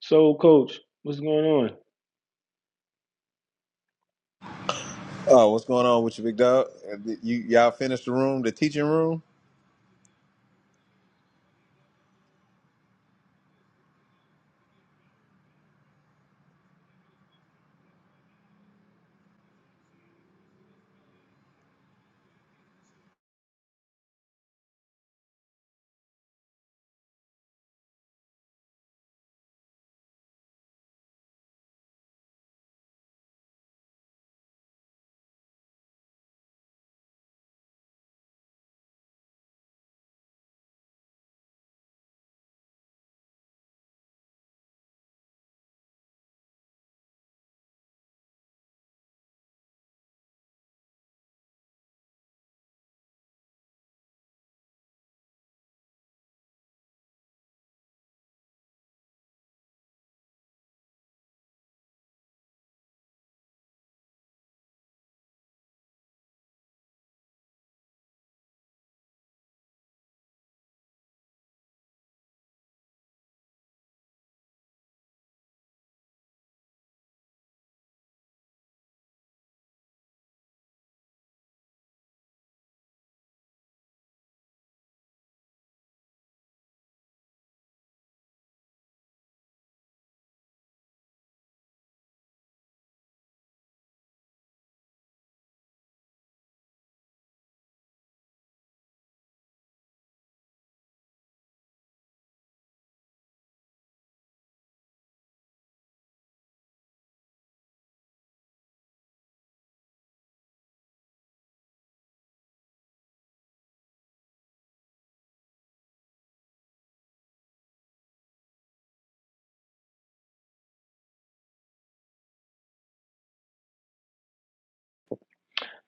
So, coach, what's going on? Oh, what's going on with you, big dog? Uh, You y'all finished the room, the teaching room?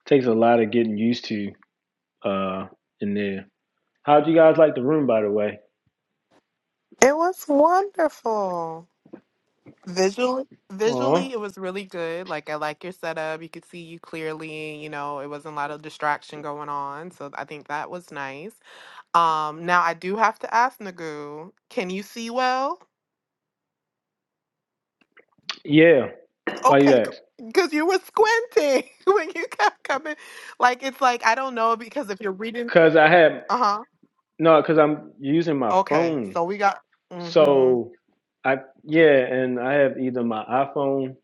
Takes a lot of getting used to uh in there. How'd you guys like the room, by the way? It was wonderful. Visually, Aw. visually, it was really good. Like I like your setup. You could see you clearly. You know, it wasn't a lot of distraction going on. So I think that was nice. Um, now I do have to ask Nagu, can you see well? Yeah. Why you Okay, ask? because you were squinting when you kept coming. Like it's like I don't know because if you're reading, Cause I have uh huh. no, cause I'm using my Okay, phone. so we got. Mm-hmm. So I yeah, and I have either my iPhone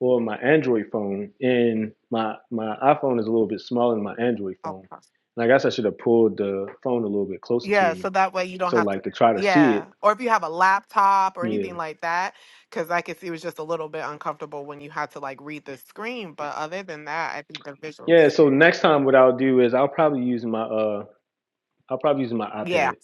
or my Android phone, and my my iPhone is a little bit smaller than my Android phone. okay. And I guess I should have pulled the phone a little bit closer to Yeah, me, so that way you don't so have like to. to try to see it. Yeah. Or if you have a laptop or yeah. anything like that, because I could see it was just a little bit uncomfortable when you had to like read the screen. But other than that, I think the Yeah, visuals. so next time what I'll do is I'll probably use my uh I'll probably use my Yeah. iPad.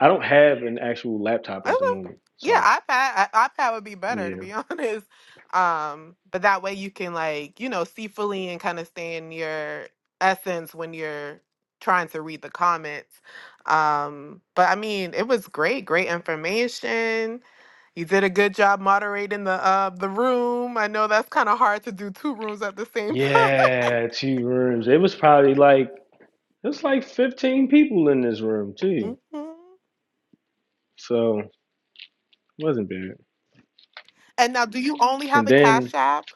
I don't have an actual laptop Okay. at the moment. Yeah, So iPad I- iPad would be better to yeah. be honest. Um, but that way you can like, you know, see fully and kind of stay in your essence when you're trying to read the comments. Um, but I mean, it was great, great information. You did a good job moderating the uh the room. I know that's kind of hard to do two rooms at the same time. Yeah, two rooms. It was probably like it was like fifteen people in this room too. hmm So it wasn't bad. And now, do you only have And a then Cash App?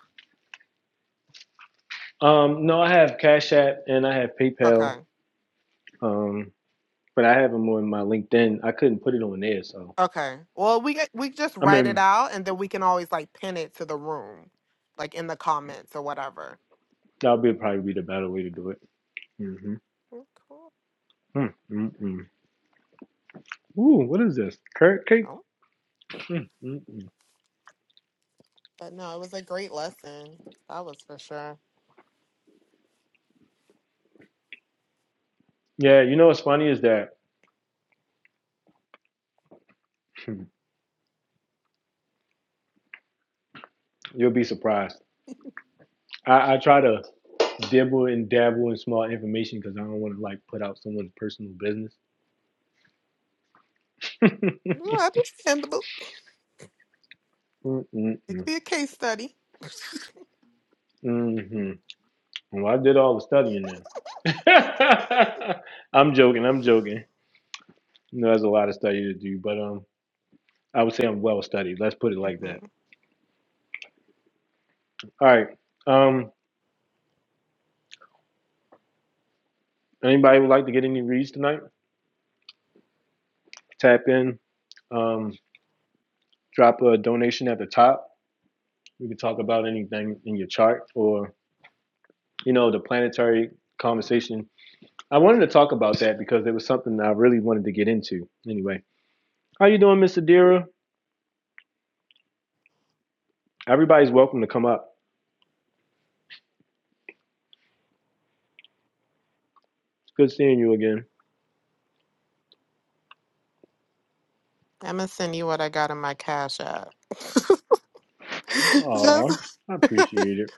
um no, I have Cash App and I have PayPal. Okay. Um but I have them on my LinkedIn. I couldn't put it on there, so Okay. Well, we get, we just I write it mean out and then we can always like pin it to the room, like in the comments or whatever. that'll be probably be the better way to do it. Mm-hmm. Oh, Cool. Mm-mm-mm. Ooh, what is this? Carrot cake? Oh, Mm, mm, mm. but no, it was a great lesson. That was for sure. Yeah, you know what's funny is that hmm, you'll be surprised. I, I try to dibble and dabble in small information because I don't want to like put out someone's personal business. Well, understandable. Mm, mm, It could mm. be a case study. Mhm. Well, I did all the studying now. I'm joking. I'm joking. You know, there's a lot of study to do, but um, I would say I'm well studied. Let's put it like hmm that. All right. Um, anybody would like to get any reads tonight? Tap in. Um, drop a donation at the top. we could talk about anything in your chart or you know the planetary conversation. I wanted to talk about that because it was something that I really wanted to get into. Anyway, how you doing, Miss Adira? Everybody's welcome to come up. It's good seeing you again. I'm gonna send you what I got in my cash app. Aw, just I this appreciate it.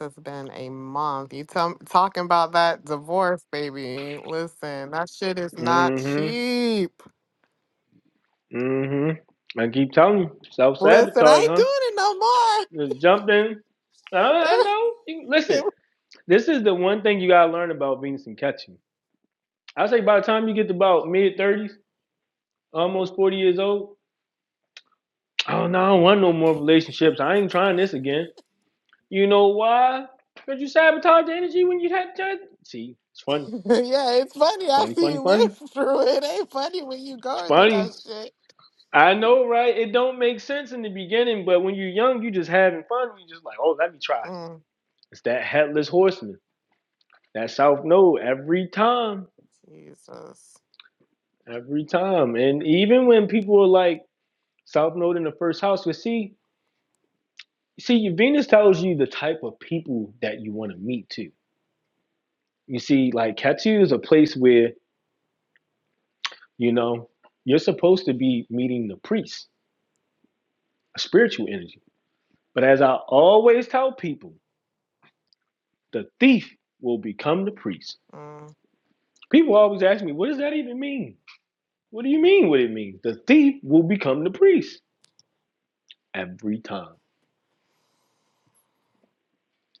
has been a month. You tell talking about that divorce, baby. Listen, that shit is not Mm-hmm. cheap. Mm-hmm. I keep telling you, Listen, I self-sabotage, ain't huh? doing Just jumped in. I, it no I more. know. You- listen, this is the one thing you gotta learn about Venus and Ketchin. I say by the time you get to about mid thirties, almost forty years old, Oh no, I don't want no more relationships. I ain't trying this again. You know why? Because you sabotage the energy when you had to. See, it's funny, yeah, it's funny. I funny, see funny, you funny. live through it. It ain't funny when you It's going through funny. that shit. I know, right? It don't make sense in the beginning, but when you're young, you just having fun. You just like, oh, let me try. it. Mm, It's that headless horseman. That South Node every time, Jesus. every time. And even when people are like South Node in the first house, but see, see, your Venus tells you the type of people that you want to meet too You see, like Katsu is a place where, you know, you're supposed to be meeting the priest, a spiritual energy. But as I always tell people, the thief will become the priest. Mm, People always ask me, what does that even mean? What do you mean what it means? The thief will become the priest every time.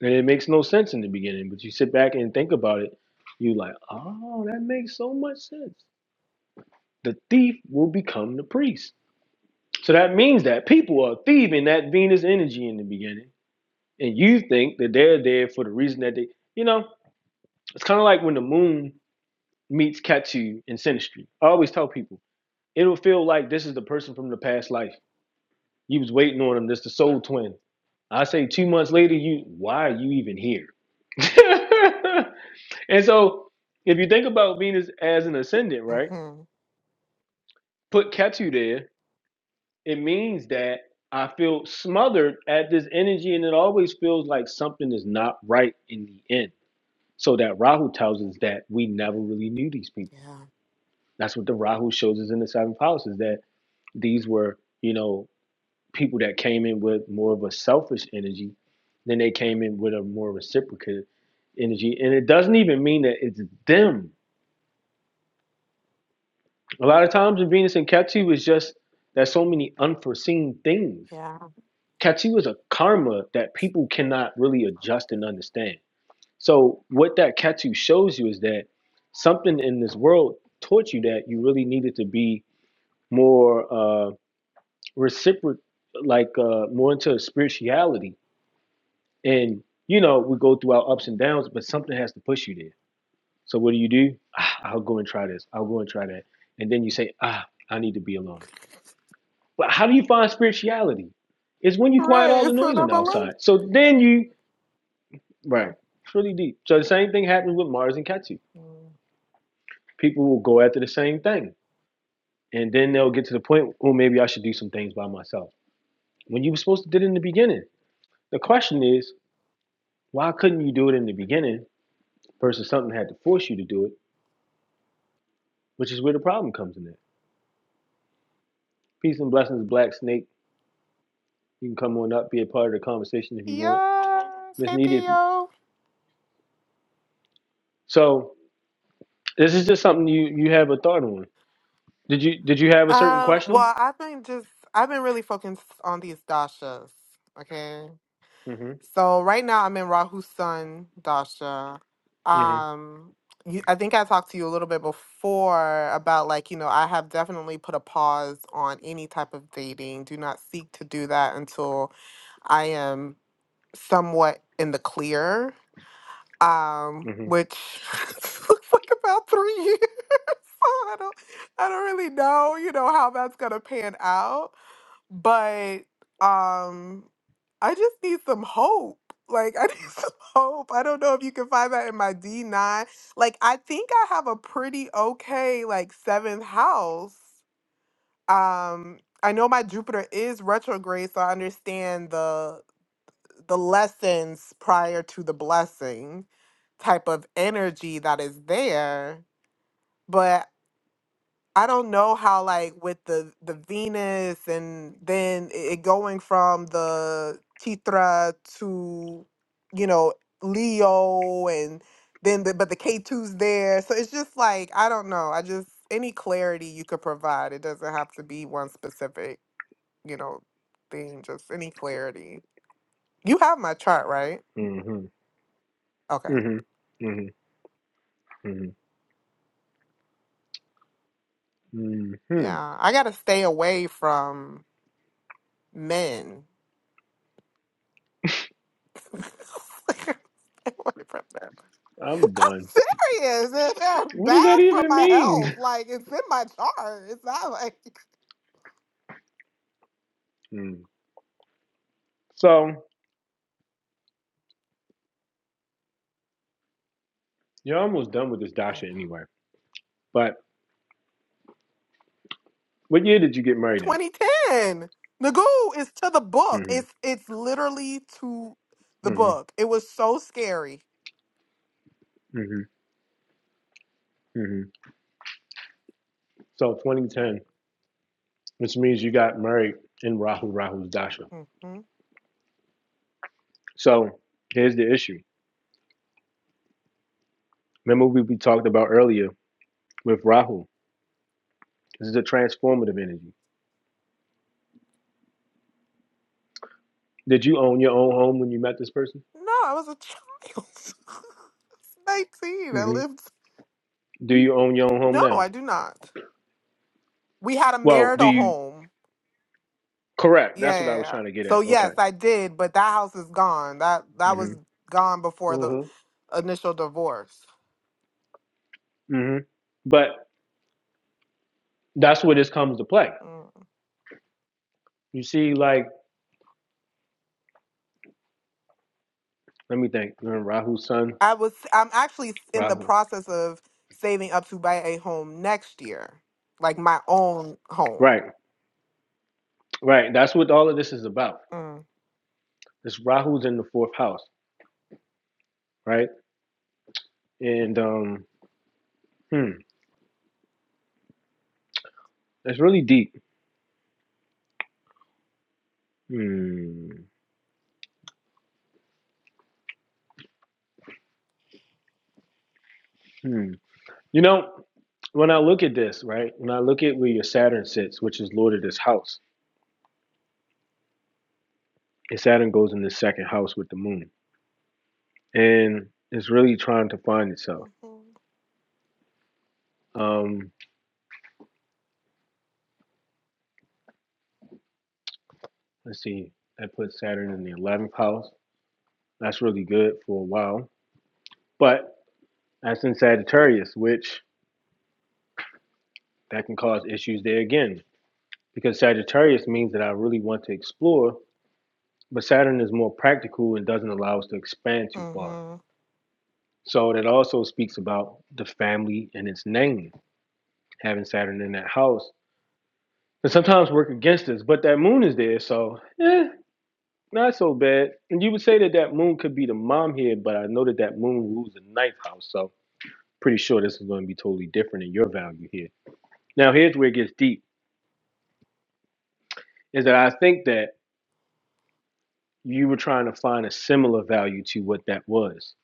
And it makes no sense in the beginning, but you sit back and think about it, you like, oh, that makes so much sense. The thief will become the priest. So that means that people are thieving that Venus energy in the beginning and you think that they're there for the reason that they, you know, it's kind of like when the moon meets Katsu in Sinistry. I always tell people, it'll feel like this is the person from the past life. You was waiting on him. This the soul twin. I say two months later, you why are you even here? and so, if you think about Venus as an ascendant, right? hmm Put Ketu there. It means that I feel smothered at this energy, and it always feels like something is not right in the end So that Rahu tells us that we never really knew these people. Yeah. That's what the Rahu shows us in the seventh house is that these were, you know, people that came in with more of a selfish energy than they came in with a more reciprocal energy. And it doesn't even mean that it's them. A lot of times in Venus and Ketu is just there's so many unforeseen things. Yeah. Ketu is a karma that people cannot really adjust and understand So what that katu shows you is that something in this world taught you that you really needed to be more uh, reciprocal, like uh, more into spirituality. And you know, we go through our ups and downs, but something has to push you there. So what do you do? Ah, I'll go and try this. I'll go and try that. And then you say, Ah, I need to be alone. But how do you find spirituality? It's when you quiet all Right. the It's what noise on I'm the alone. outside. So then you Yeah. right. It's really deep. So the same thing happens with Mars and Ketu. Mm. People will go after the same thing and then they'll get to the point well maybe i should do some things by myself when you were supposed to do it in the beginning the question is why couldn't you do it in the beginning versus something had to force you to do it which is where the problem comes in at. peace and blessings black snake you can come on up be a part of the conversation if you want Yes. miss Hey, Nita, if you Theo. so this is just something you you have a thought on did you did you have a certain Um, question well, I've been just, I've been really focused on these Dashas. Okay. mm-hmm So right now I'm in Rahu's son, Dasha. mm-hmm Um, you, I think I talked to you a little bit before about like, you know, I have definitely put a pause on any type of dating. Do not seek to do that until I am somewhat in the clear, um, mm-hmm which looks like about three years. So I don't, I don't really know, you know, how that's gonna pan out but um I just need some hope. Like I need some hope. I don't know if you can find that in my D9. Like I think I have a pretty okay like 7th house. Um I know my Jupiter is retrograde so I understand the the lessons prior to the blessing type of energy that is there. but. I don't know how like with the the Venus and then it going from the Chitra to you know Leo and then the, but the K2's there. So it's just like I don't know. I just any clarity you could provide. It doesn't have to be one specific, you know, thing, just any clarity. You have my chart, right? mm-hmm Okay. mm-hmm mm-hmm mm-hmm mm-hmm. Yeah, I gotta stay away from men. Stay away from men. i'm I'm done serious. And They're what does that bad for even my mean health. Like it's in my chart. It's not like Mm. So you're almost done with this I dasha anyway. But what year did you get married in? know. 2010. Nagoo is to the book. hmm It's it's literally to the hmm book. It was so scary. hmm hmm So 2010, which means you got married in Rahu Rahu's dasha. hmm No, So here's the issue. Remember we, we talked about earlier with Rahu. This is a transformative energy. Did you own your own home when you met this person? I was a child. 19. I hmm lived. Do you own your own home No, now? I do not. We had a Well, do marital you? home. Correct. Yeah, That's what yeah, I was yeah. trying to get So at. yes, Okay. I did. But that house is gone. That that hmm was gone before the hmm initial divorce. hmm But that's where this comes to play. Mm. You see, like Let me think. Uh, Rahu's son. I was I'm actually in the Rahu. process of saving up to buy a home next year, like my own home. Right. Right. That's what all of this is about. Mm. This Rahu's in the fourth house. Right. And um, hmm, it's really deep. Hmm. Hmm. You know, when I look at this, right? When I look at where your Saturn sits, which is Lord of this house, and Saturn goes in the second house with the moon, and it's really trying to find itself. Mm-hmm. Um, let's see, that puts Saturn in the eleventh house. That's really good for a while, but that's in Sagittarius, which That can cause issues there again, because Sagittarius means that I really want to explore, but Saturn is more practical and doesn't allow us to expand too Mm-hmm. far. Damn So that also speaks about the family and its name, having Saturn in that house. And sometimes work against us, but that moon is there, so eh, not so bad. And you would say that that moon could be the mom here, but I know that that moon rules the ninth house, so pretty sure this is going to be totally different in your value here. Now, here's where it gets deep, is that I think that you were trying to find a similar value to what that was.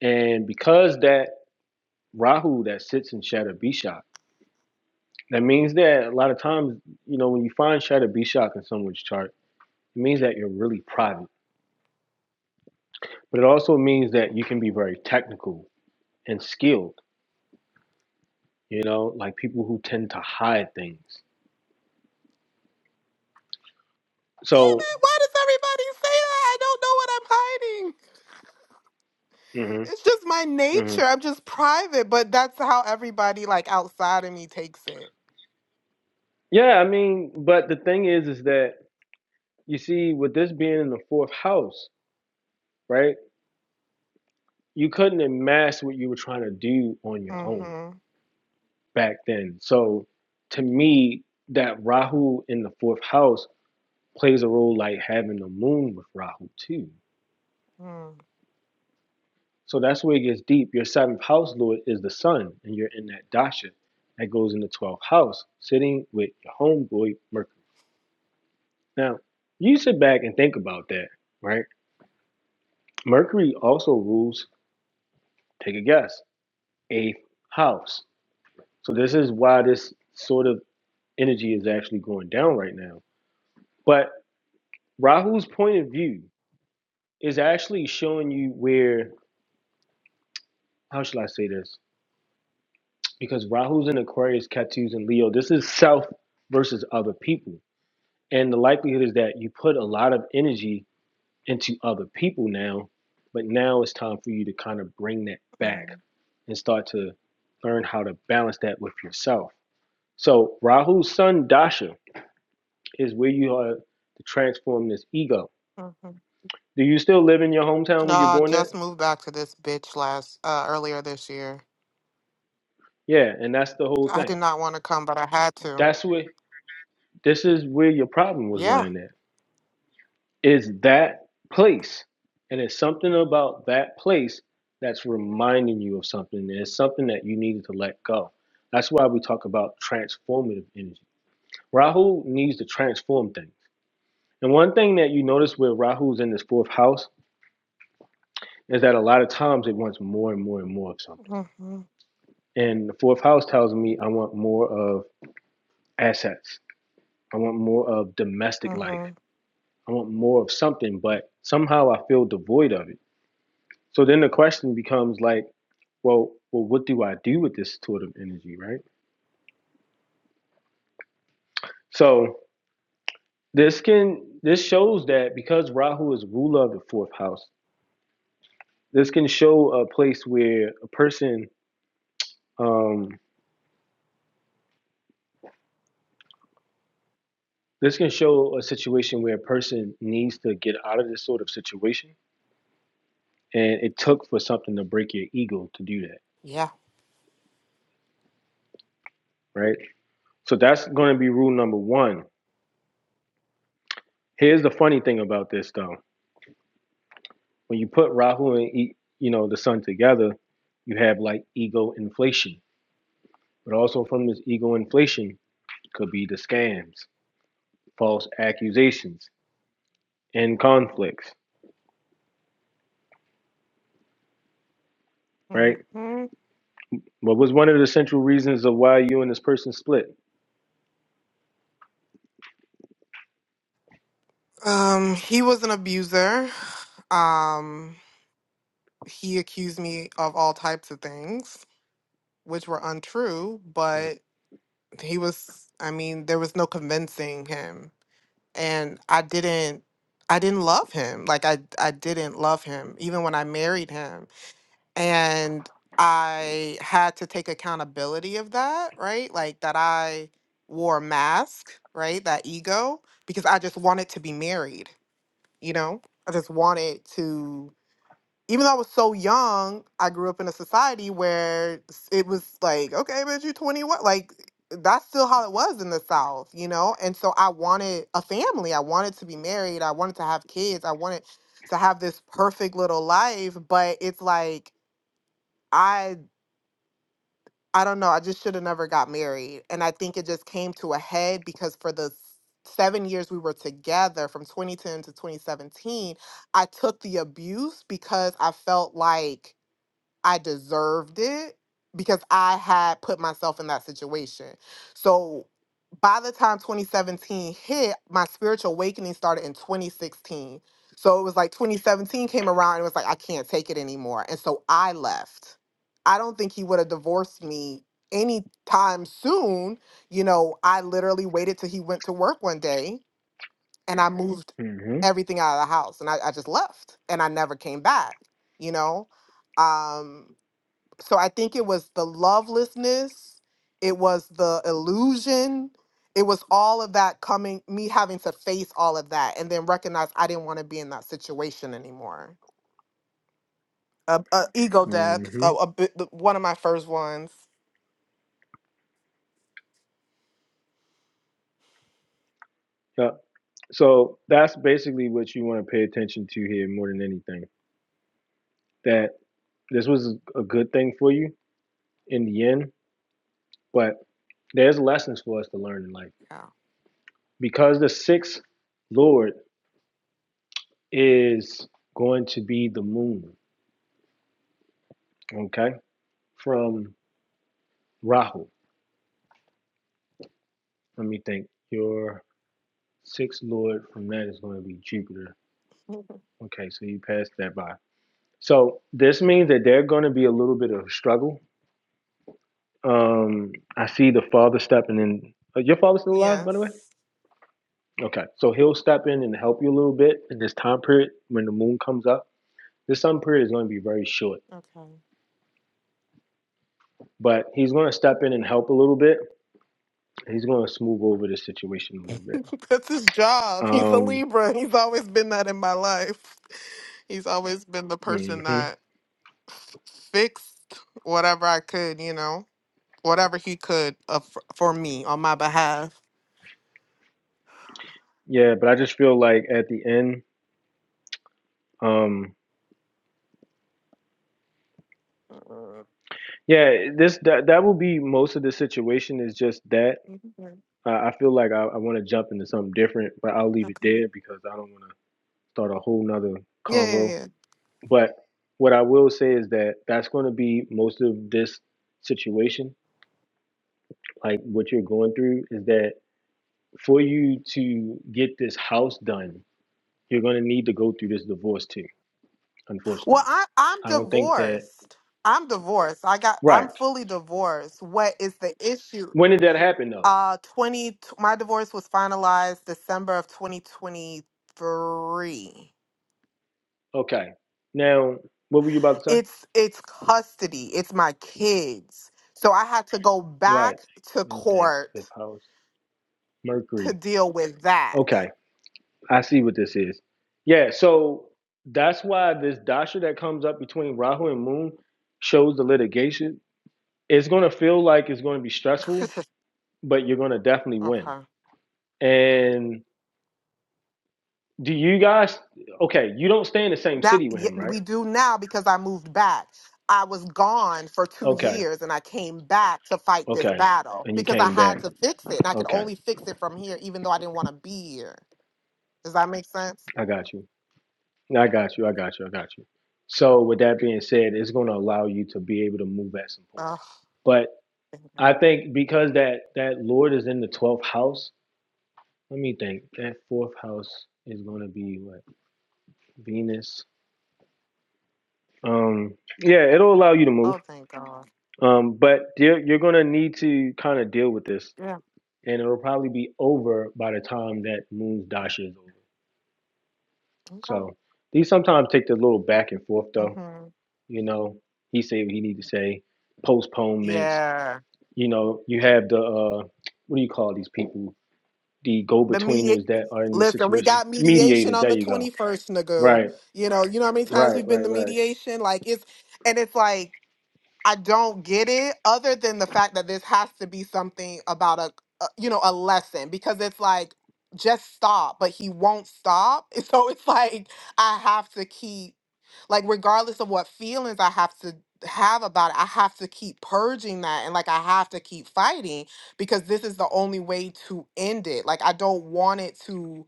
And because that Rahu that sits in Shadow Bishak, that means that a lot of times, you know, when you find Shadow Bishak in someone's chart, it means that you're really private. But it also means that you can be very technical and skilled, you know, like people who tend to hide things. So, it! Why does everybody say that? I don't know what I'm hiding. hmm It's just my hmm nature. I'm just private, but that's how everybody like outside of me takes it. yeah, I mean, but the thing is, is that you see, with this being in the fourth house, right? you couldn't amass what you were trying to do on your own Mm-hmm. back then. So to me, that Rahu in the fourth house plays a role like having the moon with Rahu too. Mm-hmm. So that's where it gets deep. Your seventh house, Lord, is the sun, and you're in that dasha that goes in the 12th house, sitting with your homeboy Mercury. Now, you sit back and think about that, right? Mercury also rules, take a guess, eighth house. So this is why this sort of energy is actually going down right now. But Rahu's point of view is actually showing you where, how should I say this? Because Rahu's in Aquarius, Ketu's in Leo. This is self versus other people. And the likelihood is that you put a lot of energy into other people now, but now it's time for you to kind of bring that back and start to learn how to balance that with yourself. So Rahu's son Dasha is where you are to transform this ego Do you still live in your hometown No, where you're I born at? just moved back to this bitch last uh earlier this year. Yeah, and that's the whole I thing. did not want to come, but I had to. That's what this is where your problem was Yeah. lying at. Is that place. And it's something about that place that's reminding you of something. it's something that you needed to let go. That's why we talk about transformative energy. Rahu needs to transform things. And one thing that you notice where Rahu's in this fourth house is that a lot of times it wants more and more and more of something. Mm-hmm. And the fourth house tells me I want more of assets. I want more of domestic life. Mm-hmm. I want more of something, but somehow I feel devoid of it. So then the question becomes like, well, well, what do I do with this sort of energy, right? So this can this shows that because Rahu is ruler of the fourth house, this can show a place where a person um this can show a situation where a person needs to get out of this sort of situation. And it took for something to break your ego to do that, Yeah. right? So that's going to be rule number one Here's the funny thing about this though: when you put Rahu and E- you know the sun together, you have like ego inflation. But also from this ego inflation could be the scams, false accusations, and conflicts. Right? hmm What was one of the central reasons of why you and this person split? Um, he was an abuser. Um, he accused me of all types of things, which were untrue, but he was, I mean, there was no convincing him. And I didn't I didn't love him. Like I I didn't love him even when I married him. and I had to take accountability of that, right? Like that I wore a mask, right? That ego, because I just wanted to be married, you know? I just wanted to, even though I was so young, I grew up in a society where s- it was like, okay, but you're 21. Like, that's still how it was in the South, you know? And so I wanted a family. I wanted to be married. I wanted to have kids. I wanted to have this perfect little life. But it's like, I I don't know. I just should have never got married. And I think it just came to a head because for the s- seven years we were together from 2010 to 2017, I took the abuse because I felt like I deserved it because I had put myself in that situation. So by the time 2017 hit, my spiritual awakening started in 2016. So it was like 2017 came around and it was like, I can't take it anymore. And so I left. I don't think he would have divorced me anytime soon. You know, I literally waited till he went to work one day and I Mhm. moved hmm everything out of the house and I, I just left and I never came back, you know? Um, so I think it was the lovelessness, it was the illusion, it was all of that coming, me having to face all of that and then recognize I didn't want to be in that situation anymore. A, a ego death, hmm a, a bit, the- one of my first ones. Yeah. So that's basically what you want to pay attention to here more than anything. That this was a good thing for you in the end, but there's lessons for us to learn in life. Yeah. because the sixth lord is going to be the moon okay from rahu let me think your sixth lord from that is going to be jupiter Mhm. okay so you passed that by so this means that there's going to be a little bit of struggle um i see the father stepping in uh, your father's still alive by Yes. the way okay so he'll step in and help you a little bit in this time period when the moon comes up this sun period is going to be very short Okay. but he's going to step in and help a little bit he's going to smooth over the situation a little bit. That's his job. He's a Um, Libra. He's always been that in my life. He's always been the person hmm that fixed whatever I could, you know? whatever he could uh, for, for me on my behalf. Yeah, but I just feel like at the end, um, Uh, yeah, this that that will be most of the situation is just that. mhm. I, I feel like I, I want to jump into something different, but I'll leave it Okay. there because I don't want to start a whole nother Yeah, yeah, convo. yeah. But what I will say is that that's going to be most of this situation, like what you're going through, is that for you to get this house done, you're going to need to go through this divorce too Well, unfortunately. I I'm I don't think that. divorced. I'm divorced. I got Right. I'm fully divorced. What is the issue? When did that happen, though? Uh 20 t- my divorce was finalized December of 2023. Okay. Now, what were you about to say? It's it's custody. It's my kids. So I had to go Right. back to Let me think. court Fifth house, to Mercury. deal with that. Okay. I see what this is. Yeah. So that's why this dasha that comes up between Rahu and Moon shows the litigation. It's going to feel like it's going to be stressful, but you're going to definitely win. okay. And do you guys? Okay. You don't stay in the same Now city with y- him, right? we do now because I moved back. I was gone for two Okay. years and I came back to fight this Okay. battle And you because I came back. had to fix it and I could Okay. only fix it from here, even though I didn't want to be here. Does that make sense? I got you. I got you. I got you. I got you. So with that being said, it's going to allow you to be able to move at some point. Oh, But thank God. I think because that that Lord is in the twelfth house. Let me think. That fourth house is going to be what Venus. Um, yeah, it'll allow you to move. Oh, thank God. Um, but you're, you're going to need to kind of deal with this, Yeah. and it'll probably be over by the time that Moon's dasha is over. Okay. So these sometimes take the little back and forth though. hmm You know, he said what he needed to say. Postponements. Yeah. You know, you have the uh, what do you call these people? The The me. go-betweeners that are in these Listen, we situations. got mediation Mediators. on There the you twenty go. first, Nagu. Right. You know, you know how many times Right. we've been Right. to Right. mediation. Like it's and it's like I don't get it other than the fact that this has to be something about a, a you know a lesson because it's like just stop but he won't stop so it's like I have to keep like regardless of what feelings I have to have about it I have to keep purging that and like I have to keep fighting because this is the only way to end it like I don't want it to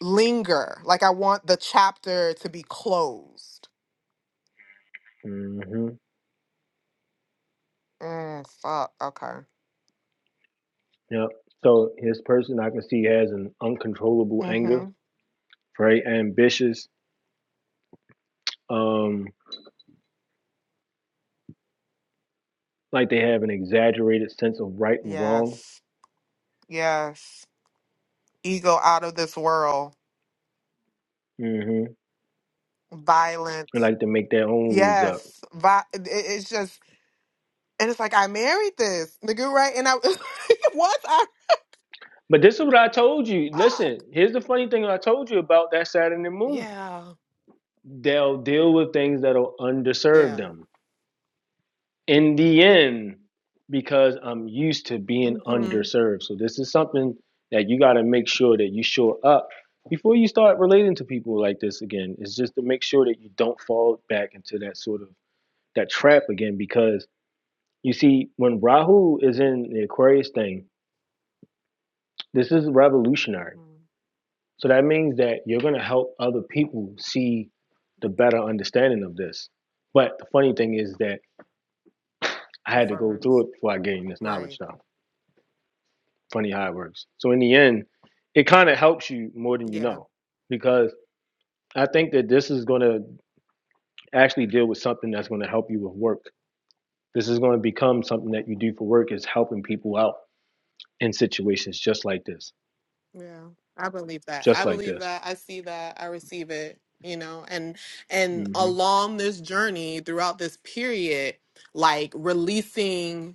linger like I want the chapter to be closed hmm mm, fuck okay Yep. So his person I can see has an uncontrollable anger, mhm very ambitious. Um, like they have an exaggerated sense of right and wrong. yes Yes. Ego out of this world. hmm And Violence. like to make their own rules up. Yes. Vi- it- it's just, and it's like, I married this nigga, right? And I, once I, But this is what I told you. fuck. Listen, here's the funny thing I told you about that Saturn and Moon. Yeah. they'll deal with things that'll underserve Yeah. them in the end because i'm used to being Mm-hmm. underserved so this is something that you got to make sure that you shore up before you start relating to people like this again it's just to make sure that you don't fall back into that sort of that trap again because you see when rahu is in the aquarius thing this is revolutionary Mm-hmm. so that means that you're going to help other people see the better understanding of this but the funny thing is that I The had to go through first. it before I gained this Right. knowledge now. Funny how it works. So in the end, it kind of helps you more than you Yeah. know, because I think that this is going to actually deal with something that's going to help you with work. This is going to become something that you do for work is helping people out in situations just like this, Yeah. I believe that. just I like believe this. that. I see that. I receive it, you know, and, and hmm along this journey throughout this period, like releasing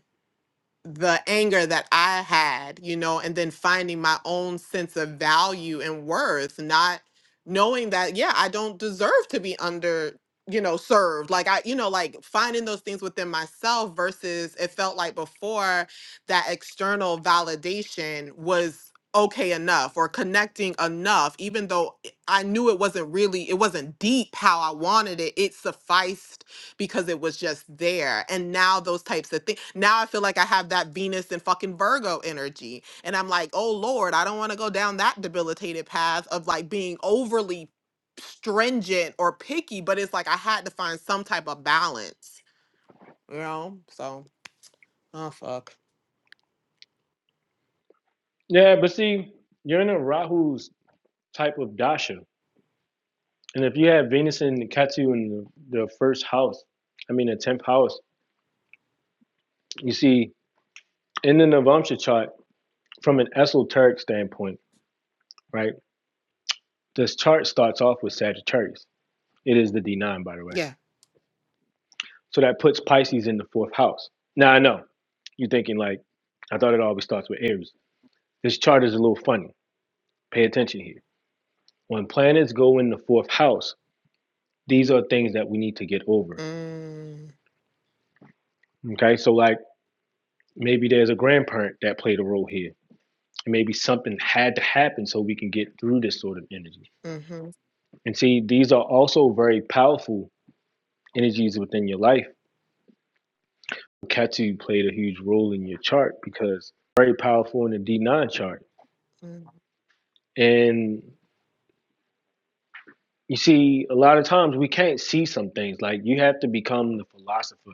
the anger that I had, you know, and then finding my own sense of value and worth, not knowing that, yeah, I don't deserve to be under, you know, served. Like I, you know, like finding those things within myself versus it felt like before that external validation was okay enough or connecting enough, even though I knew it wasn't really, it wasn't deep how I wanted it. It sufficed because it was just there. And now those types of things. Now I feel like I have that Venus and fucking Virgo energy. And I'm like, oh Lord, I don't want to go down that debilitated path of like being overly stringent or picky, but it's like I had to find some type of balance, you know? So, oh fuck. Yeah, but see, you're in a Rahu's type of dasha, and if you have Venus and Ketu in the, the first house, I mean the tenth house, you see in the Navamsha chart from an esoteric standpoint, right? This chart starts off with Sagittarius. It is the D9, by the way. Yeah. So that puts Pisces in the fourth house. Now I know you're thinking like, I thought it always starts with Aries. This chart is a little funny. Pay attention here. When planets go in the fourth house, these are things that we need to get over. Mm, Okay, so like maybe there's a grandparent that played a role here. Maybe something had to happen so we can get through this sort of energy. mm-hmm. And see, these are also very powerful energies within your life Ketu played a huge role in your chart because very powerful in the D9 chart. mm, And you see, a lot of times we can't see some things. Like you have to become the philosopher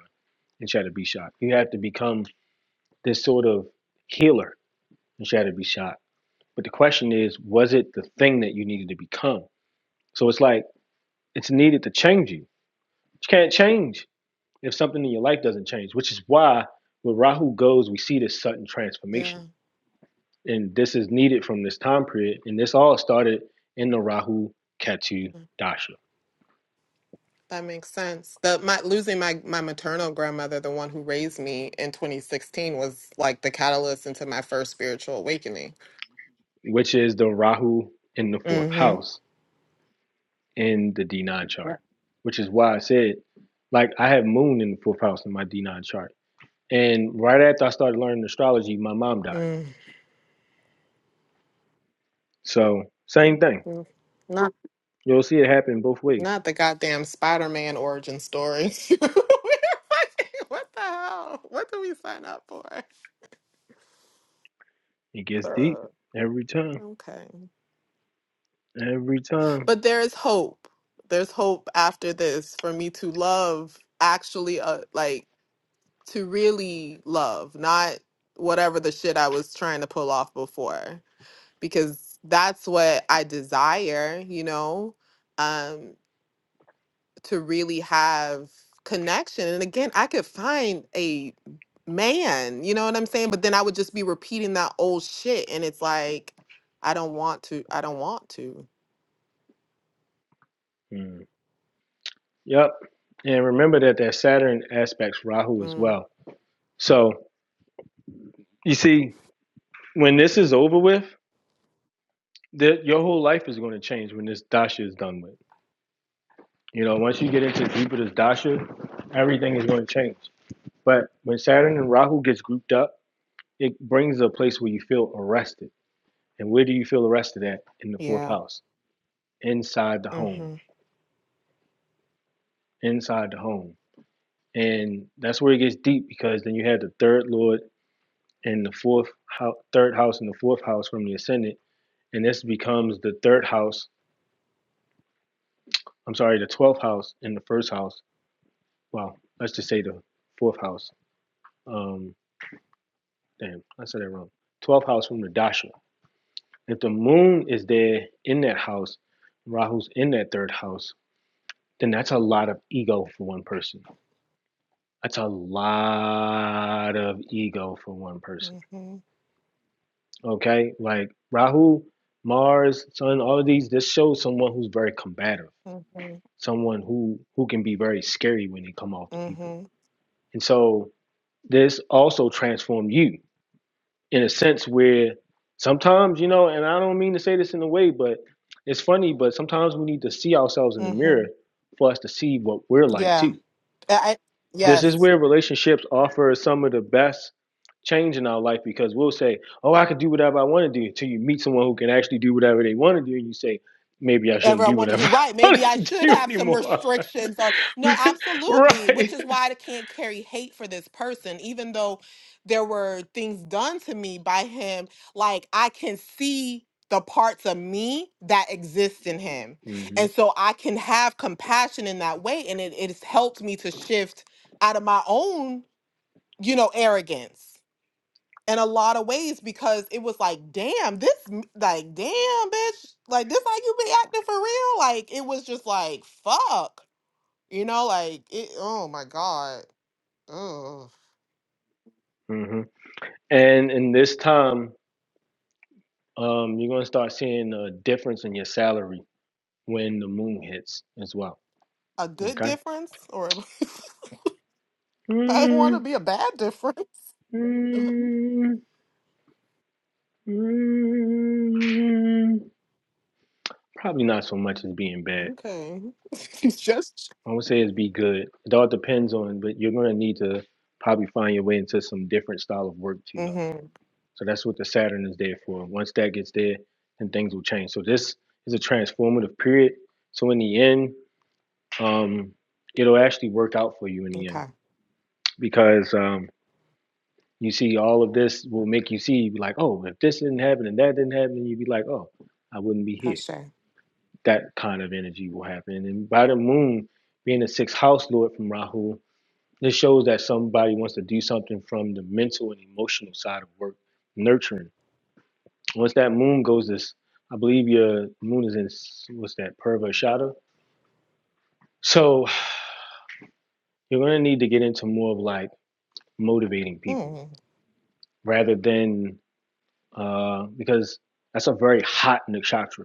in Shadow Be Shot. You have to become this sort of healer in Shadow Be Shot. But the question is, was it the thing that you needed to become? So it's like it's needed to change you. You can't change if something in your life doesn't change, which is why when Rahu goes, we see this sudden Yeah. transformation mm. and this is needed from this time period. And this all started in the Rahu Ketu Dasha, That makes sense. The my losing my my maternal grandmother, the one who raised me in 2016, was like the catalyst into my first spiritual awakening. which is the Rahu in the fourth hmm house in the D9 Yeah. chart, which is why I said, like, I have Moon in the fourth house in my D9 chart. And right after I started learning astrology, my mom died. Mm, So, same thing. mm. Not You'll see it happen both ways. not the goddamn Spider-Man origin story. What the hell? What do we sign up for? It gets deep Uh, every time, okay. every time. But there is hope. There's hope after this for me to love actually uh, like to really love, not whatever the shit I was trying to pull off before, because that's what I desire, you know, um, to really have connection. And again, I could find a man, you know what I'm saying? But then I would just be repeating that old shit. And it's like, I don't want to, I don't want to. Mm. Yep. And remember that that Saturn aspects Rahu as Mm, well. So, you see, when this is over with, the, your whole life is going to change when this dasha is done with. You know, once you get into deeper this dasha, everything is going to change. But when Saturn and Rahu gets grouped up, it brings a place where you feel arrested. And where do you feel arrested at? In the fourth yeah. house, inside the home, Mm-hmm. inside the home. And that's where it gets deep because then you had the third lord and the fourth house, third house and the fourth house from the ascendant, and this becomes the third house. I'm sorry, the twelfth house and the first house well, let's just say the fourth house. Um, damn, I said that wrong. Twelfth house from the dasha. If the moon is there in that house, Rahu's in that third house, then that's a lot of ego for one person. That's a lot of ego for one person. Mm-hmm. Okay, like Rahu, Mars, Sun, all of these. This shows someone who's very combative, Mm-hmm. someone who who can be very scary when they come off to people. Mm-hmm. And so this also transformed you in a sense where sometimes, you know, and I don't mean to say this in a way, but it's funny, but sometimes we need to see ourselves in the mirror Mm-hmm. for us to see what we're like Yeah. too. I, I- This is yes. where relationships offer some of the best change in our life because we'll say, Oh, I can do whatever I want to do until you meet someone who can actually do whatever they want to do and you say, Maybe I ever shouldn't I do want to do. whatever Right. I Maybe I want to should do have some anymore. restrictions on. No, absolutely. right. Which is why I can't carry hate for this person, even though there were things done to me by him. Like I can see the parts of me that exist in him. hmm And so I can have compassion in that way. And it, it has helped me to shift out of my own, you know, arrogance in a lot of ways because it was like, damn, this, m- like, damn, bitch, like, this how you be acting for real? Like, it was just like, fuck, you know, like, it, oh my God, ugh. hmm And in this time, um, you're going to start seeing a difference in your salary when the moon hits as well. A good Okay. difference? Or I want to Mm, be a bad difference. mm, mm. Probably not so much as being bad. Okay. It's just, I would say it's be good. It all depends on, but you're gonna need to probably find your way into some different style of work too, though. mm-hmm. So that's what the Saturn is there for. Once that gets there, then things will change. So this is a transformative period. So in the end, um, it'll actually work out for you in the end Okay. because um, you see all of this will make you see like oh if this didn't happen and that didn't happen and you'd be like oh i wouldn't be here Ashe. that kind of energy will happen and by the moon being the sixth house lord from rahu this shows that somebody wants to do something from the mental and emotional side of work nurturing once that moon goes this i believe your moon is in what's that purva shada so you're going to need to get into more of like motivating people Mm, rather than uh because that's a very hot nakshatra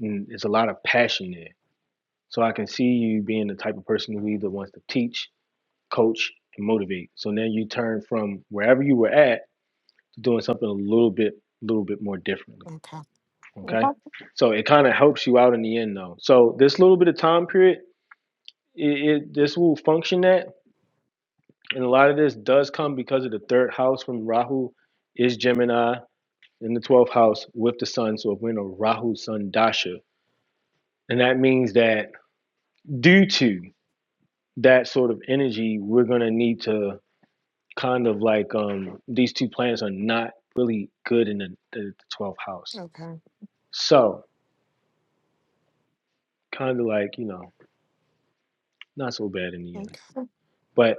and it's a lot of passion there. So I can see you being the type of person who either wants to teach, coach, and motivate. So now you turn from wherever you were at to doing something a little bit, little bit more differently. okay. Okay. Okay, so it kind of helps you out in the end, though. So this little bit of time period, it, it this will function that, and a lot of this does come because of the third house from Rahu, is Gemini in the twelfth house with the Sun. So if we're in a Rahu Sun Dasha, and that means that due to. that sort of energy we're going to need to kind of like um these two planets are not really good in the, the, the 12th house Okay. so kind of like you know not so bad in the Okay. end but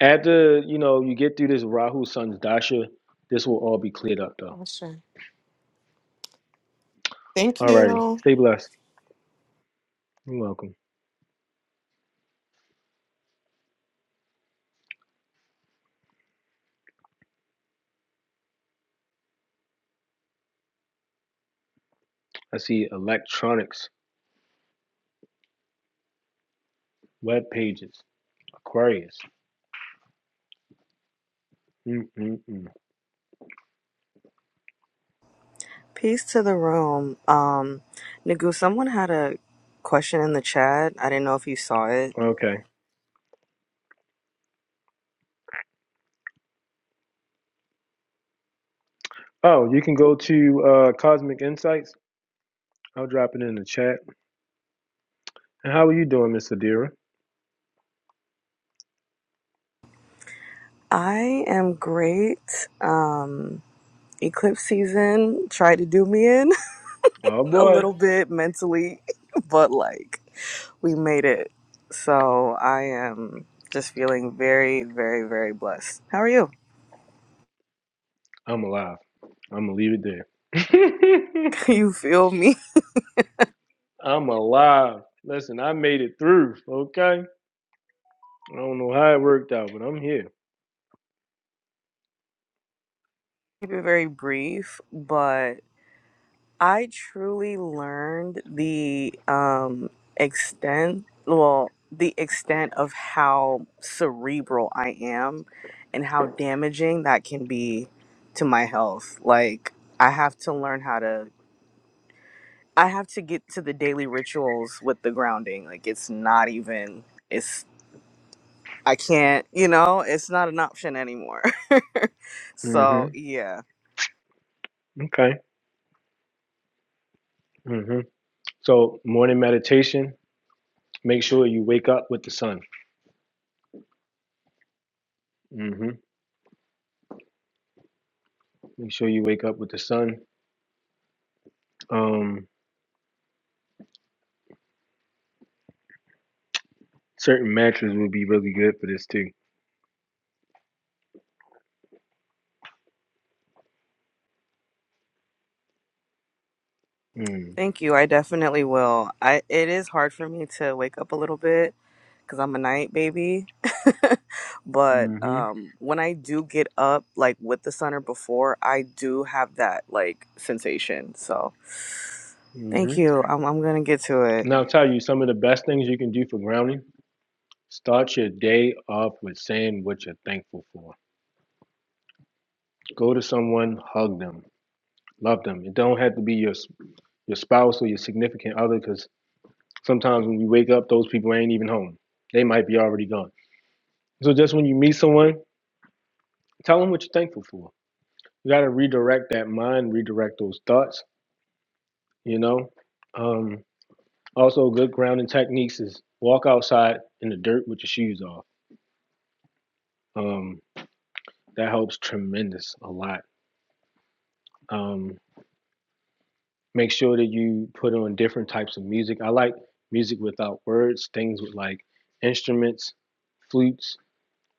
after you know you get through this rahu sun's dasha this will all be cleared up though Ashe. Thank alrighty you. stay blessed you're welcome i see electronics web pages aquarius Mm-mm-mm. Peace to the room. Um, Nagu, someone had a question in the chat. I didn't know if you saw it. okay oh you can go to uh cosmic insights i'll drop it in the chat And how are you doing, Miss Adira? I am great. Um, eclipse season tried to do me in Oh a boy, little bit mentally, but like we made it. So I am just feeling very, very, very blessed. How are you? I'm alive. I'm gonna leave it there. You feel me? I'm alive. Listen, I made it through. Okay, I don't know how it worked out, but I'm here. Keep it very brief, but I truly learned the um, extent, well, the extent of how cerebral I am and how damaging that can be to my health. Like, I have to learn how to, I have to get to the daily rituals with the grounding. Like, it's not even, it's, I can't, you know, it's not an option anymore. so, hmm yeah. Okay. hmm So morning meditation. Make sure you wake up with the sun. hmm Make sure you wake up with the sun. Um, certain mantras would be really good for this too. Mm. Thank you. I definitely will. I it is hard for me to wake up a little bit because I'm a night baby. but hmm um, when I do get up, like with the sun or before, I do have that like sensation. So hmm thank you. I'm, I'm gonna get to it. And I'll tell you some of the best things you can do for grounding. Start your day off with saying what you're thankful for. Go to someone, hug them, love them. It don't have to be your your spouse or your significant other because sometimes when you wake up, those people ain't even home. They might be already gone. So just when you meet someone, tell them what you're thankful for. You got to redirect that mind, redirect those thoughts. You know. Um, also, good grounding techniques is walk outside in the dirt with your shoes off. Um, that helps tremendous a lot. Um, Make sure that you put on different types of music. I like music without words, things with like instruments, flutes,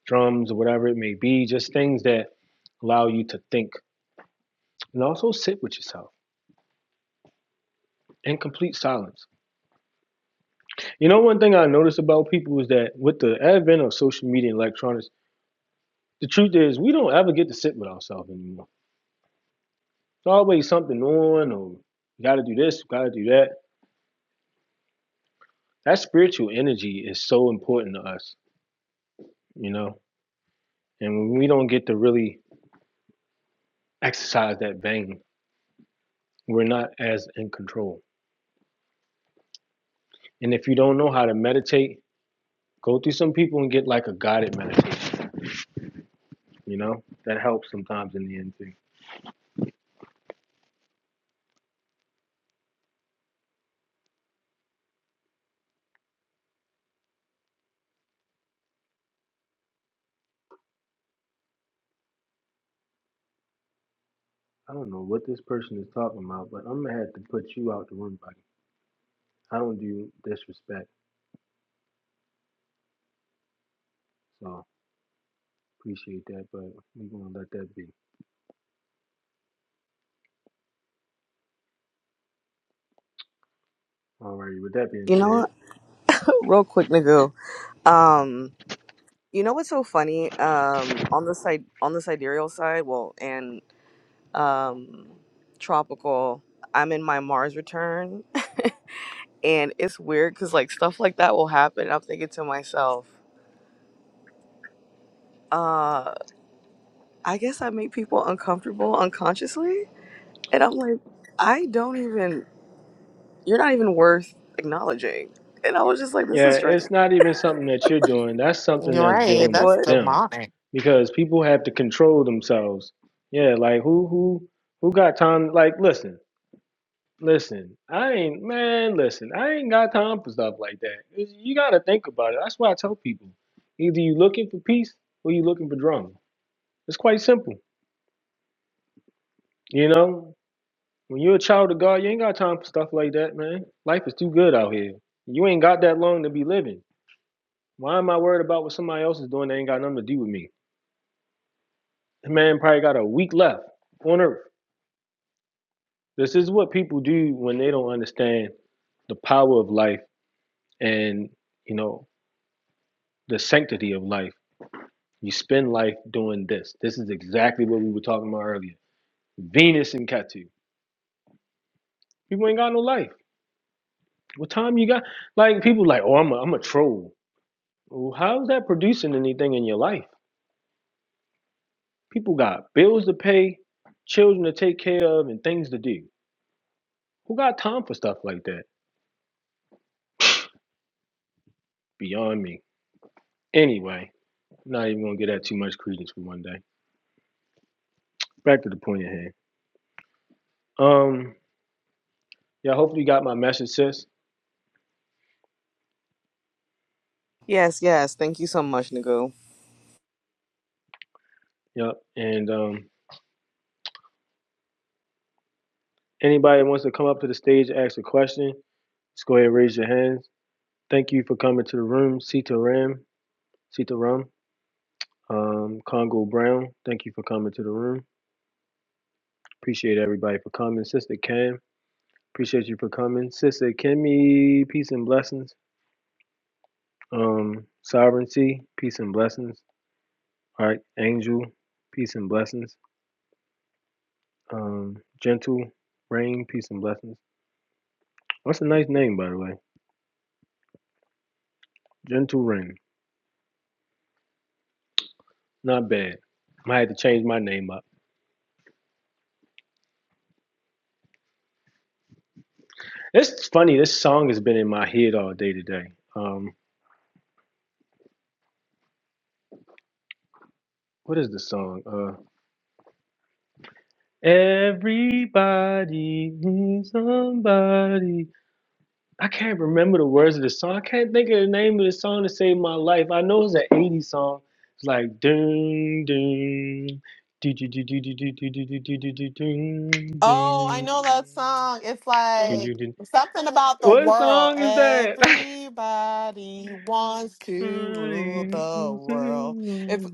drums, or whatever it may be, just things that allow you to think and also sit with yourself in complete silence. You know, one thing I notice about people is that with the advent of social media and electronics, the truth is we don't ever get to sit with ourselves anymore. There's always something on, or you got to do this, you got to do that. That spiritual energy is so important to us, you know. And when we don't get to really exercise that vein. We're not as in control. And if you don't know how to meditate, go through some people and get like a guided meditation, you know? That helps sometimes in the end too. I don't know what this person is talking about, but I'm gonna have to put you out the room, buddy. I don't do disrespect, so appreciate that, but we're gonna let that be. Alrighty, with that being You know said, what? Real quick, Nagu. Um, you know what's so funny? Um, on the side, on the sidereal side, well, and um, tropical. I'm in my Mars return, and it's weird because like stuff like that will happen. I'm thinking to myself. uh. I guess I make people uncomfortable unconsciously. And I'm like, I don't even, you're not even worth acknowledging. And I was just like, this Yeah, is strange. it's not even something that you're doing. That's something You're that's right. Like, dealing with That's what? them, demonic. because people have to control themselves. Yeah, like who who who got time? Like, listen, listen. I ain't man. Listen, I ain't got time for stuff like that. It's- You got to think about it. That's why I tell people: either you looking for peace or you looking for drama. It's quite simple. You know, when you're a child of God, you ain't got time for stuff like that, man. Life is too good out here. You ain't got that long to be living. Why am I worried about what somebody else is doing that ain't got nothing to do with me? The man probably got a week left on earth. This is what people do when they don't understand the power of life and, you know, the sanctity of life. You spend life doing this. This is exactly what we were talking about earlier. Venus and Ketu. People ain't got no life. What time you got? Like people like, oh, I'm a, I'm a troll. Well, how's that producing anything in your life? People got bills to pay, children to take care of, and things to do. Who got time for stuff like that? Beyond me. Anyway, not even gonna get that too much credence for one day. Back to the point at hand. Um, yeah, hopefully you got my message, sis. Yes, yes. Thank you so much, Nagu. Yep. And um, anybody that wants to come up to the stage and ask a question, just go ahead and raise your hands. Thank you for coming to the room, Sita Ram, Sita Ram, um, Congo Brown. Thank you for coming to the room. Appreciate everybody for coming. Sister Cam, appreciate you for coming. Sister Kimmy, peace and blessings. Um, Sovereignty, peace and blessings. Archangel, peace and blessings. Um, Gentle Rain, peace and blessings. That's a nice name, by the way. Gentle Rain, not bad. I had to change my name up. It's funny. This song has been in my head all day today. Um, what is the song? Uh, everybody needs somebody. I can't remember the words of the song. I can't think of the name of the song to save my life. I know it's an 80s song. It's like doom doom do do do do do do do do do do do do doom Oh, I doom know that song. It's doom like doom something about the What world. song is that? Everybody wants to rule Who the world. It's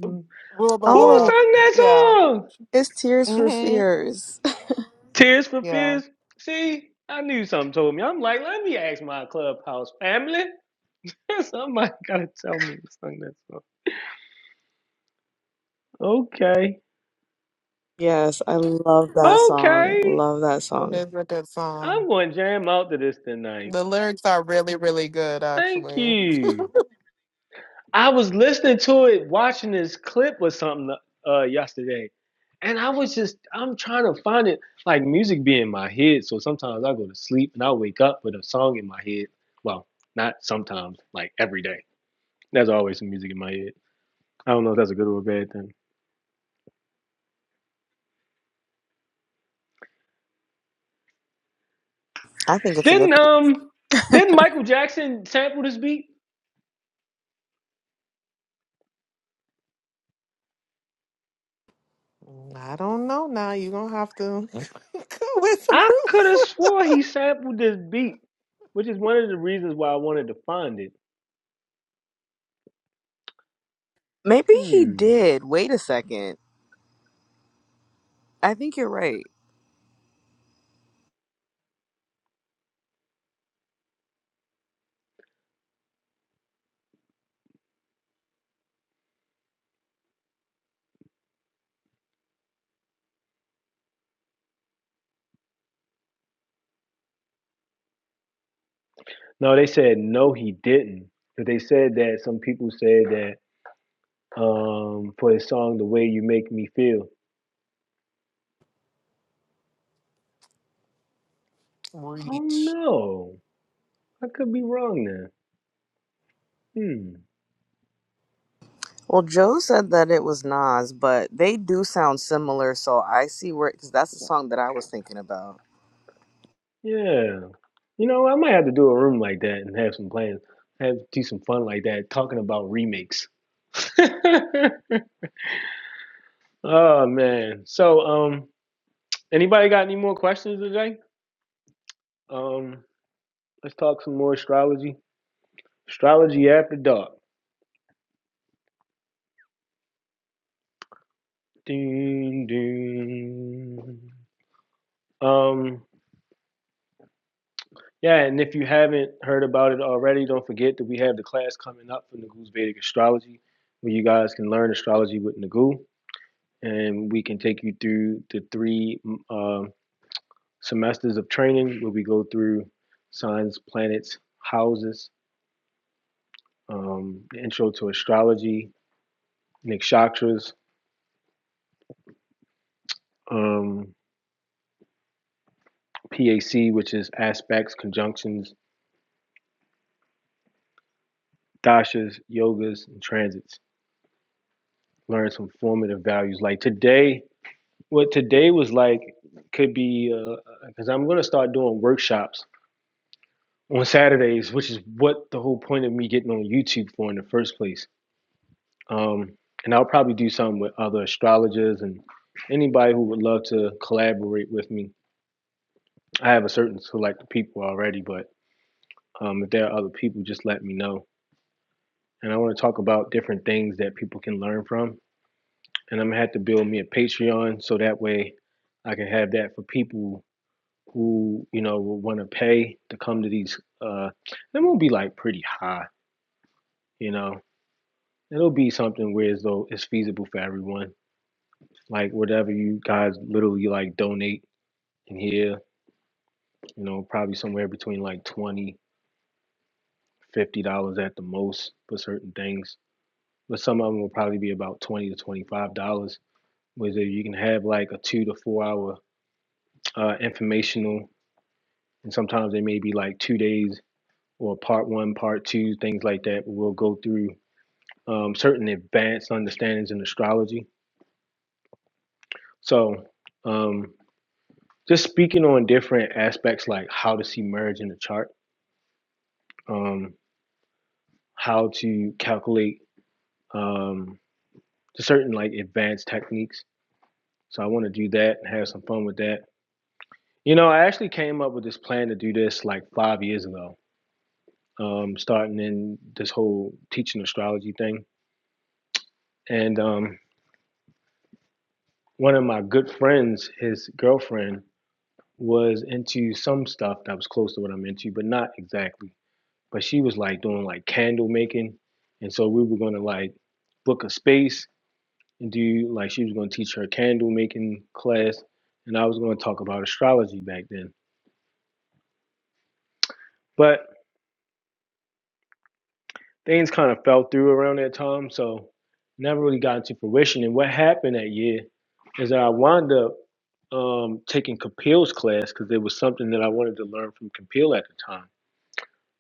rule the Oh, world. sung that Yeah. song? it's Tears for Mhm. Fears. Tears for Yeah. Fears. See, I knew something told me. I'm like, let me ask my clubhouse family. Somebody gotta tell me who sung that song. Okay. Yes, I love that song. Okay. Love that It song. is a good I'm song. going to jam out to this tonight. The lyrics are really, really good, Thank actually. you. I was listening to it, watching this clip or something uh, yesterday, and I was just, I'm trying to find it. Like music be in my head, so sometimes I go to sleep and I wake up with a song in my head. Well, not sometimes, like every day. There's always some music in my head. I don't know if that's a good or a bad thing. I think it's a good Didn't um, thing. didn't Michael Jackson sample this beat? I don't know. Now you're gonna have to go with some I proof. could have swore he sampled this beat, which is one of the reasons why I wanted to find it. Maybe he Hmm. did. Wait a second. I think you're right. No, they said no, he didn't. But they said that some people said that um, for his song "The Way You Make Me Feel." I don't Reach. know. I could be wrong there. Hmm. Well, Joe said that it was Nas, but they do sound similar, so I see where, because that's the song that I was thinking about. Yeah. You know, I might have to do a room like that and have some plans, have do some fun like that, talking about remakes. oh man. So, um, anybody got any more questions today? Um, let's talk some more astrology. Astrology after dark. Ding ding. Um, yeah, and if you haven't heard about it already, don't forget that we have the class coming up for Nagoo's Vedic Astrology, where you guys can learn astrology with Nagoo, and we can take you through the three um, semesters of training where we go through signs, planets, houses, um, the intro to astrology, nakshatras, um, PAC, which is aspects, conjunctions, dashas, yogas, and transits. Learn some formative values. Like today, what today was like could be because I'm going to start doing workshops on Saturdays, which is what the whole point of me getting on YouTube for in the first place. Um, and I'll probably do something with other astrologers and anybody who would love to collaborate with me. I have a certain select people already, but um, if there are other people, just let me know and I want to talk about different things that people can learn from. And I'm gonna have to build me a Patreon so that way I can have that for people who you know will want to pay to come to these. Uh, it won't be like pretty high, you know. It'll be something where as though it's feasible for everyone. Like whatever you guys literally like donate in here, you know, probably somewhere between like 20, 50 dollars at the most for certain things. But some of them will probably be about 20 to 25 dollars was that you can have like a two to four hour uh, informational, and sometimes they may be like two days or part one, part two, things like that. We'll go through um, certain advanced understandings in astrology. So, um, just speaking on different aspects like how to see merge in the chart, um, how to calculate um, certain like advanced techniques. So, I want to do that and have some fun with that. You know, I actually came up with this plan to do this like five years ago um, starting in this whole teaching astrology thing. And um, one of my good friends, his girlfriend, was into some stuff that was close to what I'm into, but not exactly. But she was like doing like candle making. And so we were going to like book a space and do like, she was going to teach her candle making class. And I was going to talk about astrology back then. But things kind of fell through around that time, so never really got into fruition. And what happened that year is that I wound up um, taking Kapil's class because it was something that I wanted to learn from Kapil at the time.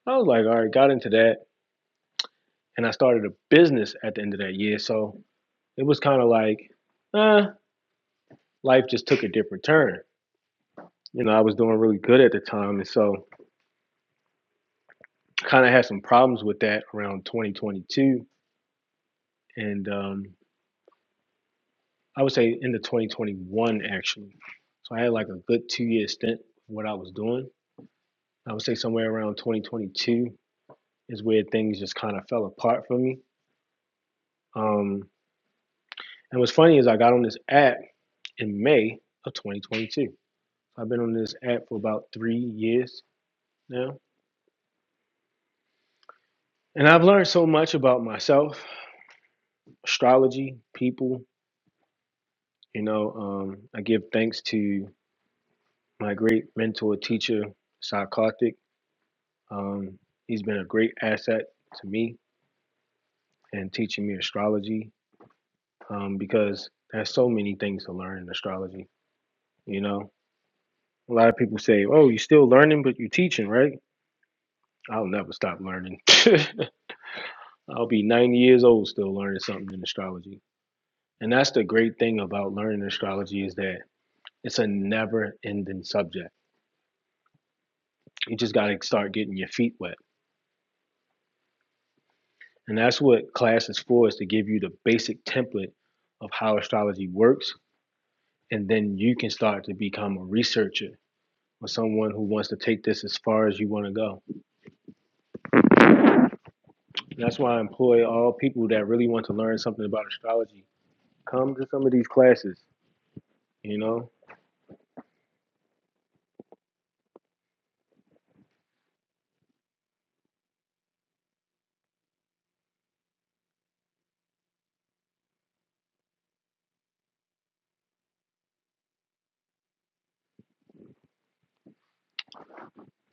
I was like, all right, got into that, and I started a business at the end of that year. So it was kind of like, uh, life just took a different turn. You know, I was doing really good at the time, and so kind of had some problems with that around 2022, and um, I would say end of 2021 actually. So I had like a good two year stint of what I was doing. I would say somewhere around 2022 is where things just kind of fell apart for me. Um, and what's funny is I got on this app in May of 2022. I've been on this app for about three years now, and I've learned so much about myself, astrology, people. You know, um, I give thanks to my great mentor, teacher, Sai Karthik Um, he's been a great asset to me and teaching me astrology um, because there's so many things to learn in astrology. You know, a lot of people say, "Oh, you're still learning, but you're teaching, right?" I'll never stop learning. I'll be 90 years old still learning something in astrology. And that's the great thing about learning astrology is that it's a never-ending subject. You just got to start getting your feet wet. And that's what class is for, is to give you the basic template of how astrology works and then you can start to become a researcher or someone who wants to take this as far as you want to go. And that's why I employ all people that really want to learn something about astrology. Come to some of these classes, you know.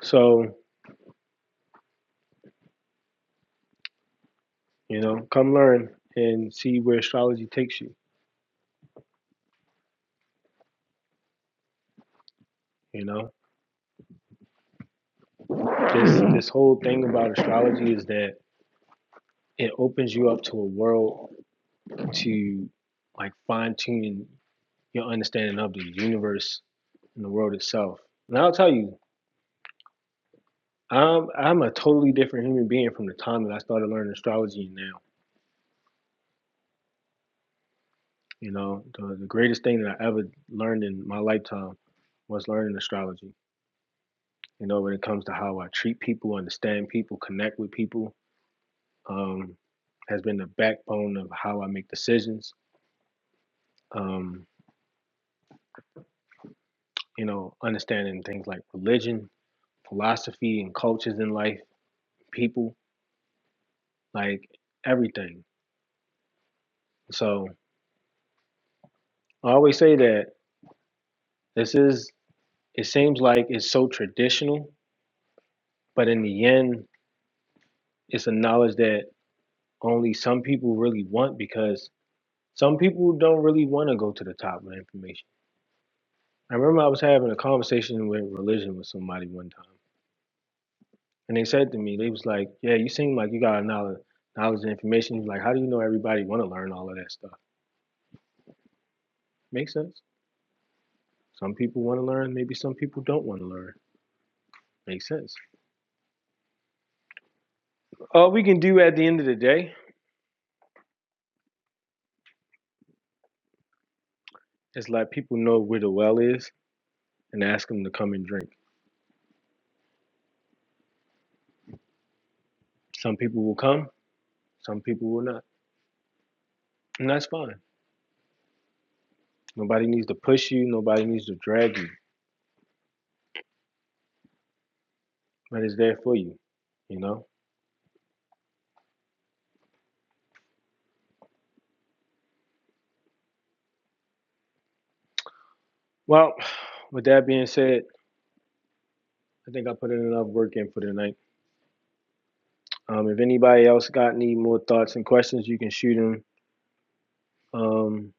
So, you know, come learn and see where astrology takes you, you know. This this whole thing about astrology is that it opens you up to a world to like fine tune your understanding of the universe and the world itself. And I'll tell you, Um, I'm a totally different human being from the time that I started learning astrology and now. You know, the, the greatest thing that I ever learned in my lifetime was learning astrology. You know, when it comes to how I treat people, understand people, connect with people, um, has been the backbone of how I make decisions. Um, you know, understanding things like religion, philosophy, and cultures in life, people, like everything. So I always say that this is, it seems like it's so traditional But in the end, it's a knowledge that only some people really want because some people don't really want to go to the top with information. I remember I was having a conversation with religion with somebody one time, and they said to me, they was like, "Yeah, you seem like you got a knowledge, knowledge and information." He's like, "How do you know everybody want to learn all of that stuff?" Makes sense. Some people want to learn, maybe some people don't want to learn. Makes sense. All we can do at the end of the day is let people know where the well is and ask them to come and drink. Some people will come, some people will not. And that's fine. Nobody needs to push you, nobody needs to drag you, but it's there for you, you know? Well, with that being said, I think I put in enough work in for tonight. Um, if anybody else got any more thoughts and questions, you can shoot them. Um,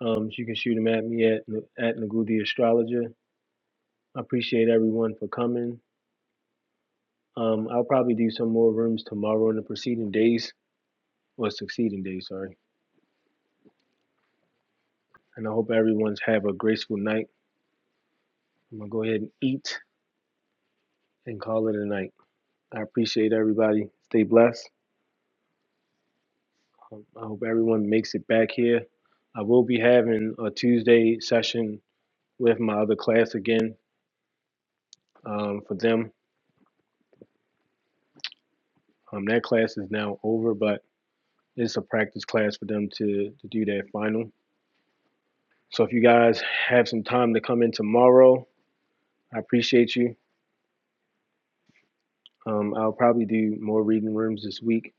um, you can shoot them at me at at Ngudi Astrologer. I appreciate everyone for coming. Um, I'll probably do some more rooms tomorrow and the preceding days, or succeeding days, sorry. And I hope everyone's have a graceful night. I'm gonna go ahead and eat and call it a night. I appreciate everybody. Stay blessed. Um, I hope everyone makes it back here. I will be having a Tuesday session with my other class again um, for them. Um, that class is now over, but it's a practice class for them to, to do their final. So if you guys have some time to come in tomorrow, I appreciate you. Um, I'll probably do more reading rooms this week.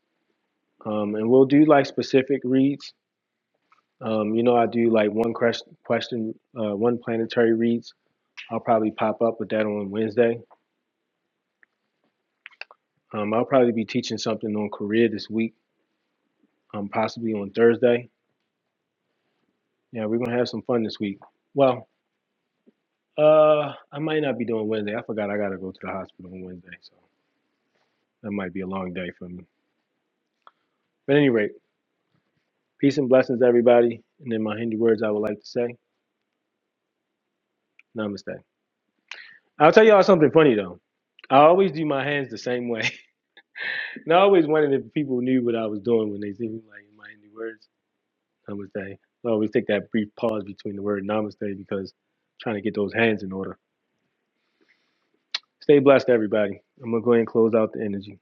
Um, and we'll do like specific reads. Um, you know, I do like one question, question uh, one planetary reads I'll probably pop up with that on Wednesday. Um, I'll probably be teaching something on career this week, um, possibly on Thursday. Yeah, we're gonna have some fun this week. Well, uh, I might not be doing Wednesday. I forgot I gotta go to the hospital on Wednesday, so that might be a long day for me. But any rate, peace and blessings, everybody. And in my Hindi words, I would like to say, Namaste. I'll tell y'all something funny though. I always do my hands the same way, and I always wondered if people knew what I was doing when they see me like in my Hindi words. Namaste. I always take that brief pause between the word namaste because I'm trying to get those hands in order. Stay blessed, everybody. I'm going to go ahead and close out the energy.